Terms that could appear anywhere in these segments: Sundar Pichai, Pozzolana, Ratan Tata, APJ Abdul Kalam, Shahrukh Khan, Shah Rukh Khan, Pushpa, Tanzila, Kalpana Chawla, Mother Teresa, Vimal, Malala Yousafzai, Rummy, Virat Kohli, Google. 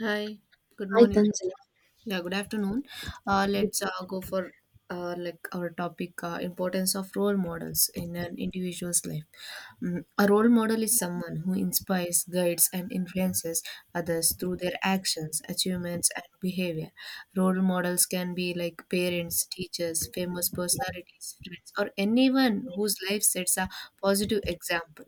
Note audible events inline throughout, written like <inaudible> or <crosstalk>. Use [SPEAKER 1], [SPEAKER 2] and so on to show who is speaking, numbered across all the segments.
[SPEAKER 1] Hi, good
[SPEAKER 2] Hi
[SPEAKER 1] morning.
[SPEAKER 2] Tanzila.
[SPEAKER 1] Yeah, good afternoon. Let's go for like our topic, importance of role models in an individual's life. A role model is someone who inspires, guides, and influences others through their actions, achievements, and behavior. Role models can be like parents, teachers, famous personalities, friends, or anyone whose life sets a positive example.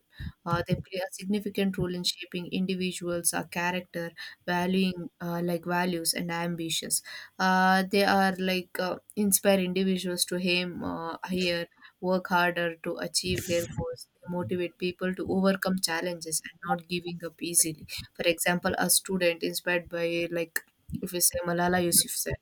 [SPEAKER 1] They play a significant role in shaping individuals' character, valuing like values and ambitions. Uh, they are like uh, inspire individuals to aim higher, work harder to achieve their goals. They motivate people to overcome challenges and not giving up easily. For example, a student inspired by, like, if we say Malala Yousafzai,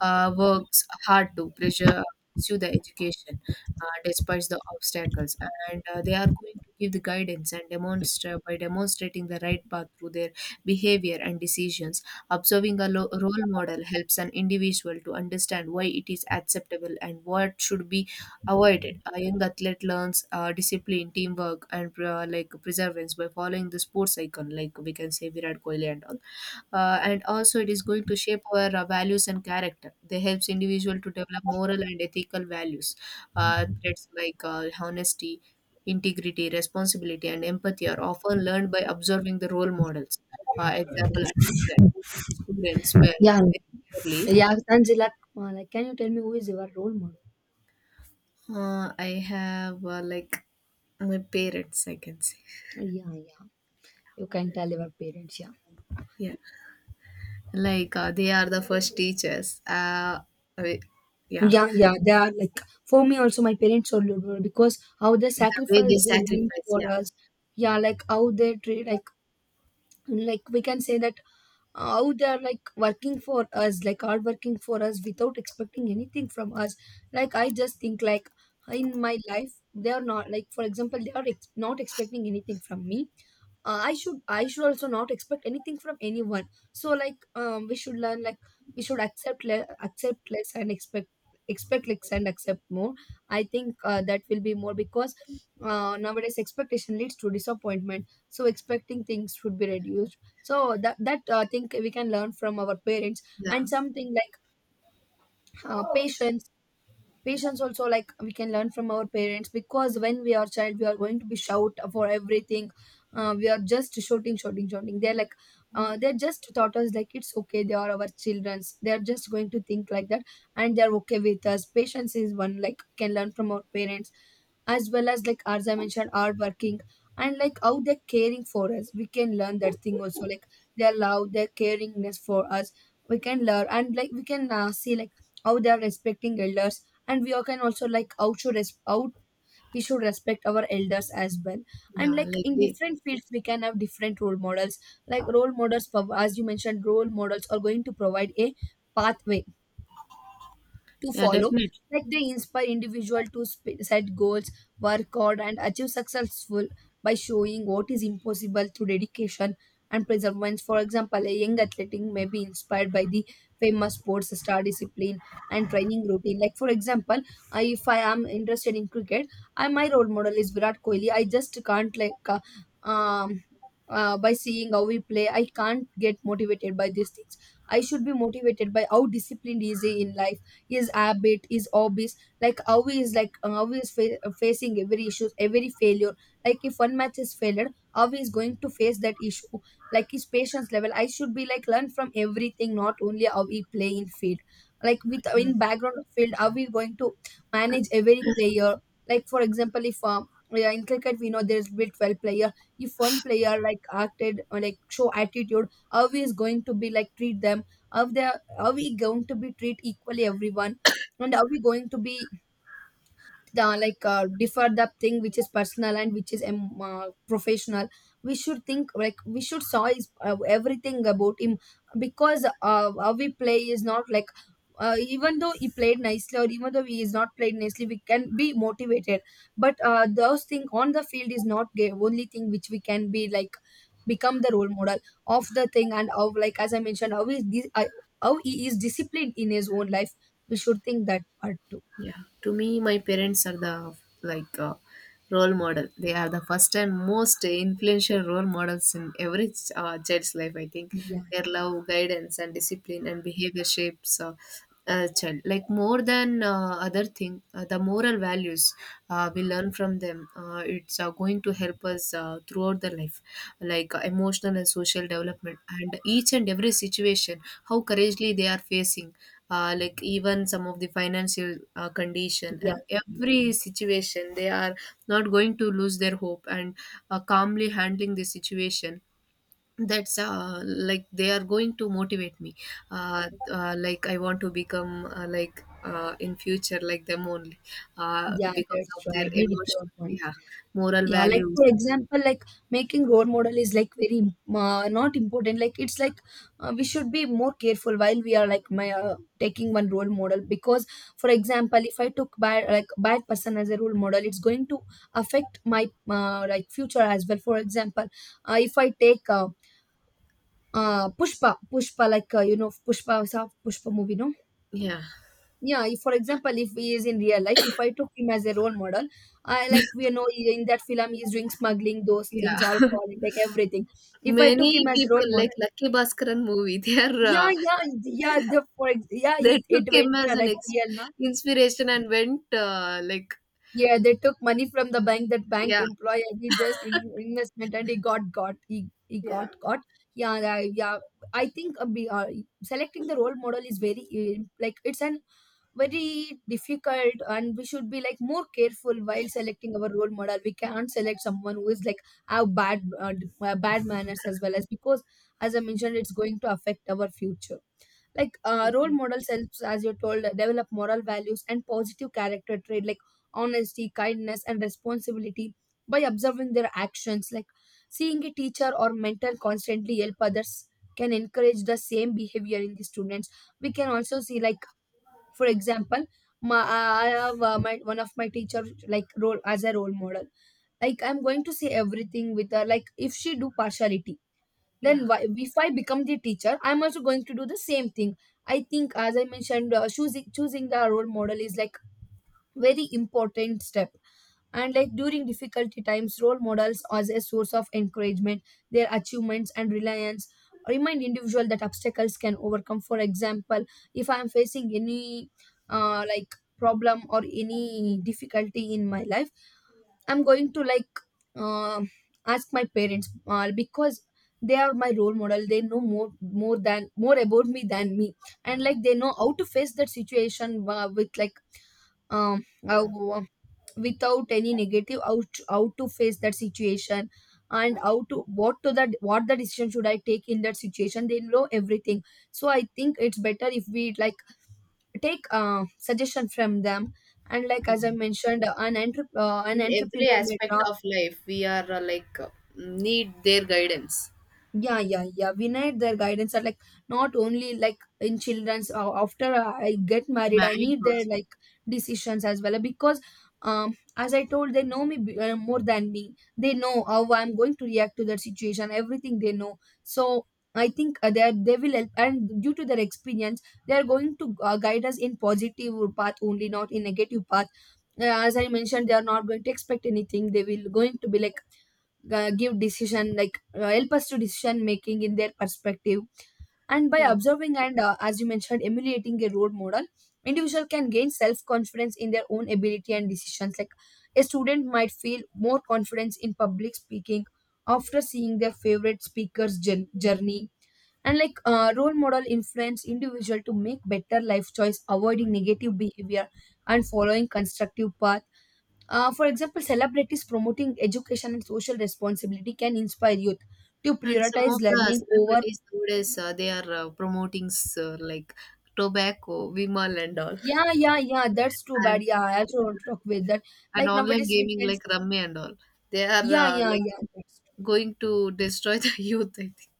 [SPEAKER 1] works hard to pressure pursue the education despite the obstacles. And they are going to give the guidance and demonstrating the right path through their behavior and decisions. Observing a role model helps an individual to understand why it is acceptable and what should be avoided. A young athlete learns discipline, teamwork, and like perseverance by following the sports icon, like we can say Virat Kohli and all. And also it is going to shape our values and character. They helps individual to develop moral and ethical values, traits like honesty, integrity, responsibility and empathy are often learned by observing the role models. Example, a teacher who treats students well,
[SPEAKER 2] Yeah,
[SPEAKER 1] very fairly.
[SPEAKER 2] yeah, Tanzila. Like, can you tell me who is your role model?
[SPEAKER 1] I have my parents, I can say.
[SPEAKER 2] Yeah, yeah. You can tell your parents. Yeah,
[SPEAKER 1] Yeah, like they are the first teachers. I- yeah,
[SPEAKER 2] yeah, yeah. They are like for me also. My parents are role model because how they
[SPEAKER 1] the way they
[SPEAKER 2] sacrifice their dreams
[SPEAKER 1] sacrifice,
[SPEAKER 2] for
[SPEAKER 1] yeah
[SPEAKER 2] us. Yeah, like how they treat like we can say that how they are like working for us, like hard working for us without expecting anything from us. Like I just think like in my life they are not like, for example, not expecting anything from me. I should also not expect anything from anyone. So like we should learn like we should accept less and expect less and accept more. I think that will be more because nowadays expectation leads to disappointment, so expecting things should be reduced. So that thing we can learn from our parents.
[SPEAKER 1] yeah.
[SPEAKER 2] And something like uh, patience patience also like we can learn from our parents because when we are child we are going to be shout for everything. We are just shouting, shouting, shouting. They're like they're just taught us like it's okay, they are our childrens, they're just going to think like that, and they're okay with us. Patience is one like we can learn from our parents, as well as, like as I mentioned, hard working. And like how they're caring for us, we can learn that thing also, like their love, their caringness for us we can learn. And like we can see like how they are respecting elders, and we all can also like out should res- out we should respect our elders as well. And
[SPEAKER 1] Yeah,
[SPEAKER 2] like
[SPEAKER 1] like
[SPEAKER 2] in
[SPEAKER 1] they,
[SPEAKER 2] different fields we can have different role models. Like role models, for as you mentioned, role models are going to provide a pathway to
[SPEAKER 1] yeah,
[SPEAKER 2] follow.
[SPEAKER 1] definitely.
[SPEAKER 2] Like they inspire individual to set goals, work hard, and achieve successful by showing what is impossible through dedication and perseverance. For example, a young athlete may be inspired by the famous sports star discipline and training routine. Like for example, I, if I am interested in cricket, I, my role model is Virat Kohli. I just can't like um by seeing how we play, I can't get motivated by these things. I should be motivated by how disciplined he is in life, his habit, his hobbies, like how he is like how he is facing every issue, every failure. Like if one match is failed, how he is going to face that issue, like his patience level. I should be like learn from everything, not only how he play in field, like with
[SPEAKER 1] Mm.
[SPEAKER 2] in background of field how we going to manage every player. Like for example, if yeah, in cricket we know there's be 12 player. If one player like acted or like show attitude, how he is going to be like treat them, how they are, we going to be treat equally everyone? And are we going to be the like differ the thing which is personal and which is professional? We should think like we should saw his, everything about him, because how we play is not like, even though he played nicely or even though he is not played nicely we can be motivated, but those thing on the field is not the only thing which we can be like become the role model of the thing. And of like, as I mentioned, how he is disciplined in his own life, we should think that part too.
[SPEAKER 1] Yeah, to me, my parents are the, like, role model. They are the first and most influential role models in every child's life. I think
[SPEAKER 2] Yeah.
[SPEAKER 1] their
[SPEAKER 2] Yeah.
[SPEAKER 1] love, guidance, and discipline and behavior shapes a child. Like more than other thing, the moral values we learn from them. It's going to help us throughout the life, like emotional and social development, and each and every situation, how courageously they are facing, like even some of the financial condition
[SPEAKER 2] Yeah,
[SPEAKER 1] and
[SPEAKER 2] yeah, yeah.
[SPEAKER 1] every situation. They are not going to lose their hope and calmly handling the situation. That's like they are going to motivate me. I want to become, like, in future, like them only,
[SPEAKER 2] Yeah,
[SPEAKER 1] because
[SPEAKER 2] that's
[SPEAKER 1] of
[SPEAKER 2] true. I
[SPEAKER 1] their
[SPEAKER 2] agree with
[SPEAKER 1] emotion.
[SPEAKER 2] your point.
[SPEAKER 1] Yeah, moral
[SPEAKER 2] Yeah, like for
[SPEAKER 1] values.
[SPEAKER 2] example, like making role model is like not important. Like it's like we should be more careful while we are like my taking one role model because, for example, if I took bad, like bad person as a role model, it's going to affect my like future as well. For example, if I take Pushpa, like you know Pushpa, Pushpa movie, no?
[SPEAKER 1] Yeah,
[SPEAKER 2] Yeah, if, for example, if he is in real life, if I took him as a role model, I like, we know in that film he is doing smuggling, those
[SPEAKER 1] yeah.
[SPEAKER 2] things, alcohol, like everything.
[SPEAKER 1] <laughs>
[SPEAKER 2] If I
[SPEAKER 1] Many
[SPEAKER 2] took him as a role
[SPEAKER 1] people like
[SPEAKER 2] model,
[SPEAKER 1] Lucky Bhaskaran movie <laughs> they are
[SPEAKER 2] yeah, yeah, yeah. Yeah,
[SPEAKER 1] they
[SPEAKER 2] it,
[SPEAKER 1] took
[SPEAKER 2] it
[SPEAKER 1] him
[SPEAKER 2] went
[SPEAKER 1] as an
[SPEAKER 2] like real, no?
[SPEAKER 1] inspiration and went like,
[SPEAKER 2] Yeah, they took money from the bank, that bank
[SPEAKER 1] yeah.
[SPEAKER 2] employee, and he just in, investment, and he got, he
[SPEAKER 1] Yeah,
[SPEAKER 2] got got. Yeah. I think selecting the role model is very like, it's an very difficult, and we should be like more careful while selecting our role model. We can't select someone who is like have bad bad manners as well, as because, as I mentioned, it's going to affect our future. Like role models helps, as you told, develop moral values and positive character trait, like honesty, kindness, and responsibility, by observing their actions. Like seeing a teacher or mentor constantly help others can encourage the same behavior in the students. We can also see like, for example, my, I have my one of my teacher like role as a role model. Like I'm going to say everything with her, like if she do partiality,
[SPEAKER 1] yeah.
[SPEAKER 2] then why, if I become the teacher I'm also going to do the same thing. I think, as I mentioned, choosing the role model is like very important step. And like during difficulty times, role models as a source of encouragement, their achievements and reliance remind individual that obstacles can overcome. For example, if I am facing any like problem or any difficulty in my life, I'm going to like uh, ask my parents because they are my role model. They know more, more than, more about me than me, and like they know how to face that situation with like um uh, without any negative, how to face that situation and how to, what to that what the decision should I take in that situation. They know everything, so I think it's better if we like take suggestion from them. And like as I mentioned, an an
[SPEAKER 1] In every
[SPEAKER 2] entrepreneur may,
[SPEAKER 1] aspect of life, we are like, need their guidance.
[SPEAKER 2] yeah, yeah, yeah, we need their guidance, are like not only like in children's, after I get married I
[SPEAKER 1] Marrying
[SPEAKER 2] need their
[SPEAKER 1] also.
[SPEAKER 2] like decisions as well, because as I told, they know me more than me. They know how I'm going to react to that situation, everything they know. So I think they are, they will help, and due to their experience they are going to guide us in positive path only, not in negative path. As I mentioned, they are not going to expect anything. They will going to be like give decision, like help us to decision making in their perspective. And by
[SPEAKER 1] Yeah,
[SPEAKER 2] observing and, as you mentioned, emulating a role model, individual can gain self confidence in their own ability and decisions. Like a student might feel more confidence in public speaking after seeing their favorite speaker's journey. And like role model influence individual to make better life choice, avoiding negative behavior and following constructive path. For example, celebrities promoting education and social responsibility can inspire youth to
[SPEAKER 1] and some
[SPEAKER 2] prioritize
[SPEAKER 1] of the
[SPEAKER 2] learning over.
[SPEAKER 1] celebrities nowadays, they are promoting like tobacco, Vimal and all,
[SPEAKER 2] Yeah, yeah, yeah. That's too bad.
[SPEAKER 1] and
[SPEAKER 2] Yeah, I also want to talk with that.
[SPEAKER 1] and
[SPEAKER 2] Like
[SPEAKER 1] online
[SPEAKER 2] nowadays, we
[SPEAKER 1] gaming
[SPEAKER 2] can
[SPEAKER 1] like Rummy and all. They are
[SPEAKER 2] Yeah, yeah,
[SPEAKER 1] like
[SPEAKER 2] yeah. That's true.
[SPEAKER 1] going to destroy the <laughs> youth, I think.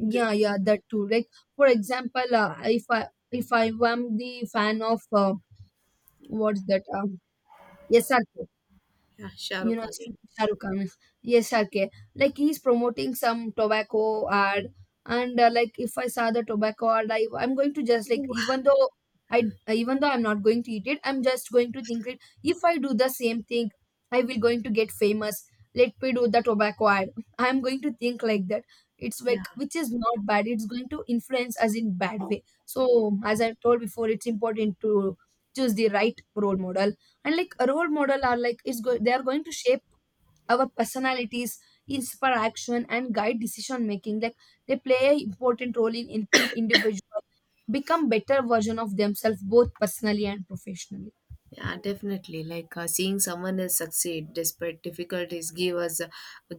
[SPEAKER 1] The,
[SPEAKER 2] yeah. That too. Like for example, if I, if I am the fan of what's that? SRK.
[SPEAKER 1] yeah,
[SPEAKER 2] You
[SPEAKER 1] Shahrukh
[SPEAKER 2] know,
[SPEAKER 1] Khan. Yeah.
[SPEAKER 2] Shah Rukh Khan. Yes, okay, like he's promoting some tobacco ad. And like if I saw the tobacco ad, I, I'm going to just like,
[SPEAKER 1] Ooh,
[SPEAKER 2] even though I, even though I'm not going to eat it, I'm just going to think it, if I do the same thing I will going to get famous, let me do the tobacco ad. I'm going to think like that. It's
[SPEAKER 1] yeah.
[SPEAKER 2] like, which is not bad, it's going to influence us in bad way. So as I told before, it's important to choose the right role model. And like a role model are like they are going to shape our personalities, inspire action, and guide decision making. Like they play a important role in helping individuals become better version of themselves, both personally and professionally.
[SPEAKER 1] Yeah, definitely. Like seeing someone else succeed despite difficulties give us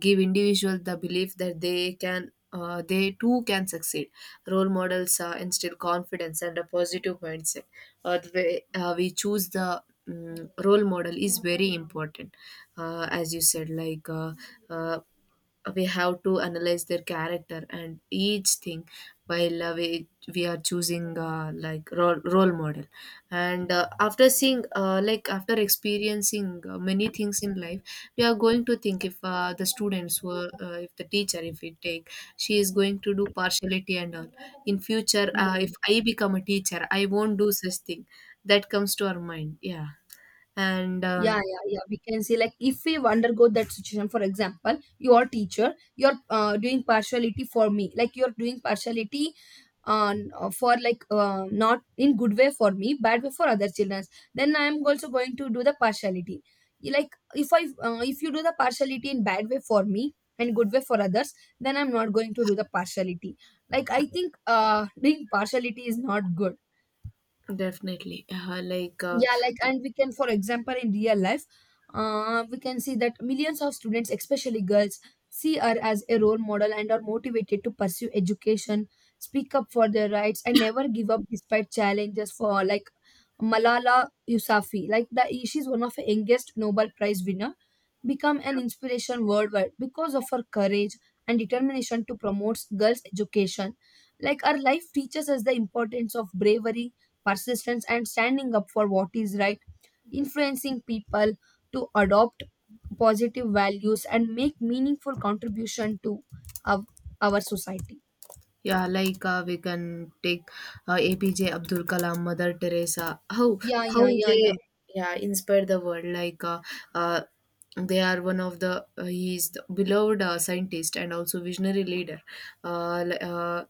[SPEAKER 1] give individuals the belief that they can, they too can succeed. Role models instill confidence and a positive mindset. Or the way we choose the, mm, role model is very important, as you said. Like uh, we have to analyze their character and each thing while we are choosing like role model. And after seeing, like, after experiencing many things in life, we are going to think if, the students were, if the teacher, if we take, she is going to do partiality and all, in future
[SPEAKER 2] Yeah,
[SPEAKER 1] if I become a teacher I won't do such thing. That comes to our mind, yeah. And
[SPEAKER 2] yeah, yeah, yeah, we can say like if we undergo that situation. For example, your teacher, you're doing partiality for me, like you're doing partiality for like not in good way for me, bad way for other children, then I am also going to do the partiality. You like, if I, if you do the partiality in bad way for me and good way for others, then I'm not going to do the partiality. Like I think doing partiality is not good.
[SPEAKER 1] definitely like,
[SPEAKER 2] Yeah, like, and we can, for example, in real life we can see that millions of students, especially girls, see her as a role model and are motivated to pursue education, speak up for their rights, and never give up despite challenges. For like Malala Yousafzai, like the, she's one of the youngest Nobel Prize winner, become an inspiration worldwide because of her courage and determination to promote girls education. Like our life teaches us the importance of bravery, persistence, and standing up for what is right, influencing people to adopt positive values and make meaningful contribution to our, our society.
[SPEAKER 1] yeah, like we can take APJ Abdul Kalam, Mother Teresa.
[SPEAKER 2] Yeah,
[SPEAKER 1] How
[SPEAKER 2] yeah, yeah,
[SPEAKER 1] they,
[SPEAKER 2] yeah.
[SPEAKER 1] yeah, inspire the world. Like uh, they are one of the, he is the beloved scientist and also visionary leader. Uh, li- uh,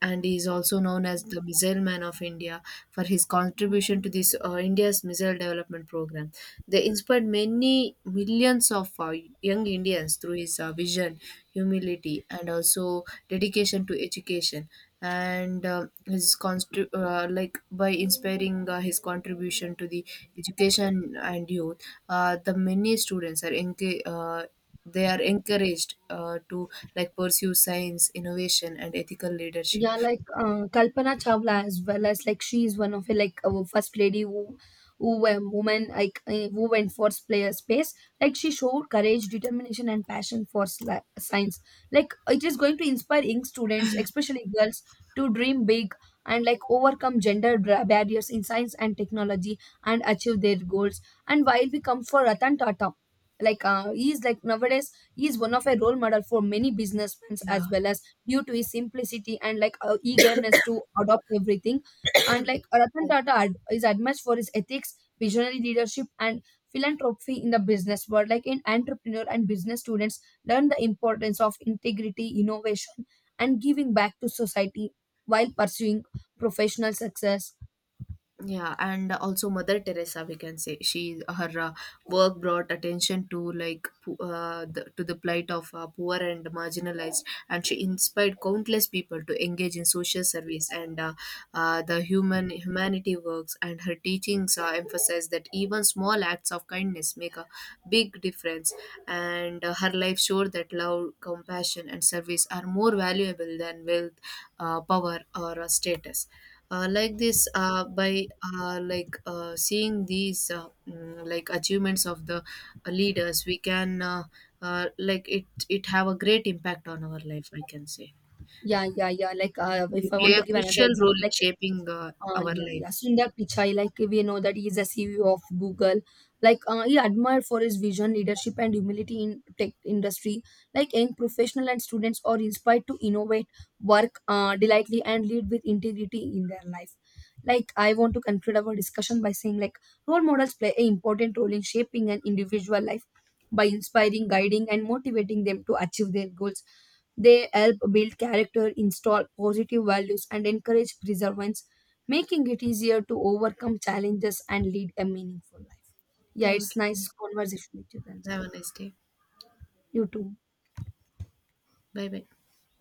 [SPEAKER 1] and he is also known as the Missile Man of India for his contribution to this, India's missile development program. They inspired many millions of young Indians through his vision, humility, and also dedication to education. And like by inspiring his contribution to the education and youth, the many students are engaged. They are encouraged to, like, pursue science innovation and ethical leadership.
[SPEAKER 2] Yeah, like Kalpana Chawla as well. As like she is one of the like our first lady who woman like who went for player space. Like she showed courage, determination, and passion for science. Like it is going to inspire young students, especially girls, to dream big and like overcome gender barriers in science and technology and achieve their goals. And while we come for Ratan Tata. Like he is like nowadays he is one of a role model for many businessmen
[SPEAKER 1] Yeah.
[SPEAKER 2] as well, as due to his simplicity and like eagerness to adopt everything. And like Ratan
[SPEAKER 1] Yeah.
[SPEAKER 2] Tata is admired for his ethics, visionary leadership, and philanthropy in the business world. Like in entrepreneur and business, students learn the importance of integrity, innovation, and giving back to society while pursuing professional success.
[SPEAKER 1] Yeah, and also Mother Teresa, we can say, she, her work brought attention to like, the, to the plight of poor and marginalized, and she inspired countless people to engage in social service and, the human humanity works. And her teachings emphasize that even small acts of kindness make a big difference. And her life showed that love, compassion and service are more valuable than wealth, power or status. Uh, like this uh, by uh, like uh, seeing these, like, achievements of the leaders, we can, like, it have a great impact on our life, we can say.
[SPEAKER 2] Yeah, yeah, yeah. Like if
[SPEAKER 1] They
[SPEAKER 2] I
[SPEAKER 1] play
[SPEAKER 2] want to
[SPEAKER 1] a
[SPEAKER 2] give another
[SPEAKER 1] crucial role
[SPEAKER 2] example,
[SPEAKER 1] in
[SPEAKER 2] like
[SPEAKER 1] shaping our
[SPEAKER 2] Yeah,
[SPEAKER 1] life.
[SPEAKER 2] yeah, Sundar Pichai, like we know that he is a CEO of Google. Like he admired for his vision, leadership, and humility in tech industry. Like young professional and students are inspired to innovate, work delightfully, and lead with integrity in their life. Like I want to conclude our discussion by saying, like role models play an important role in shaping an individual life by inspiring, guiding, and motivating them to achieve their goals. They help build character, install positive values, and encourage perseverance, making it easier to overcome challenges and lead a meaningful life. Yeah,
[SPEAKER 1] Thank
[SPEAKER 2] it's
[SPEAKER 1] you,
[SPEAKER 2] nice conversation with you,
[SPEAKER 1] have
[SPEAKER 2] Tanzila.
[SPEAKER 1] a nice day.
[SPEAKER 2] You too.
[SPEAKER 1] Bye bye.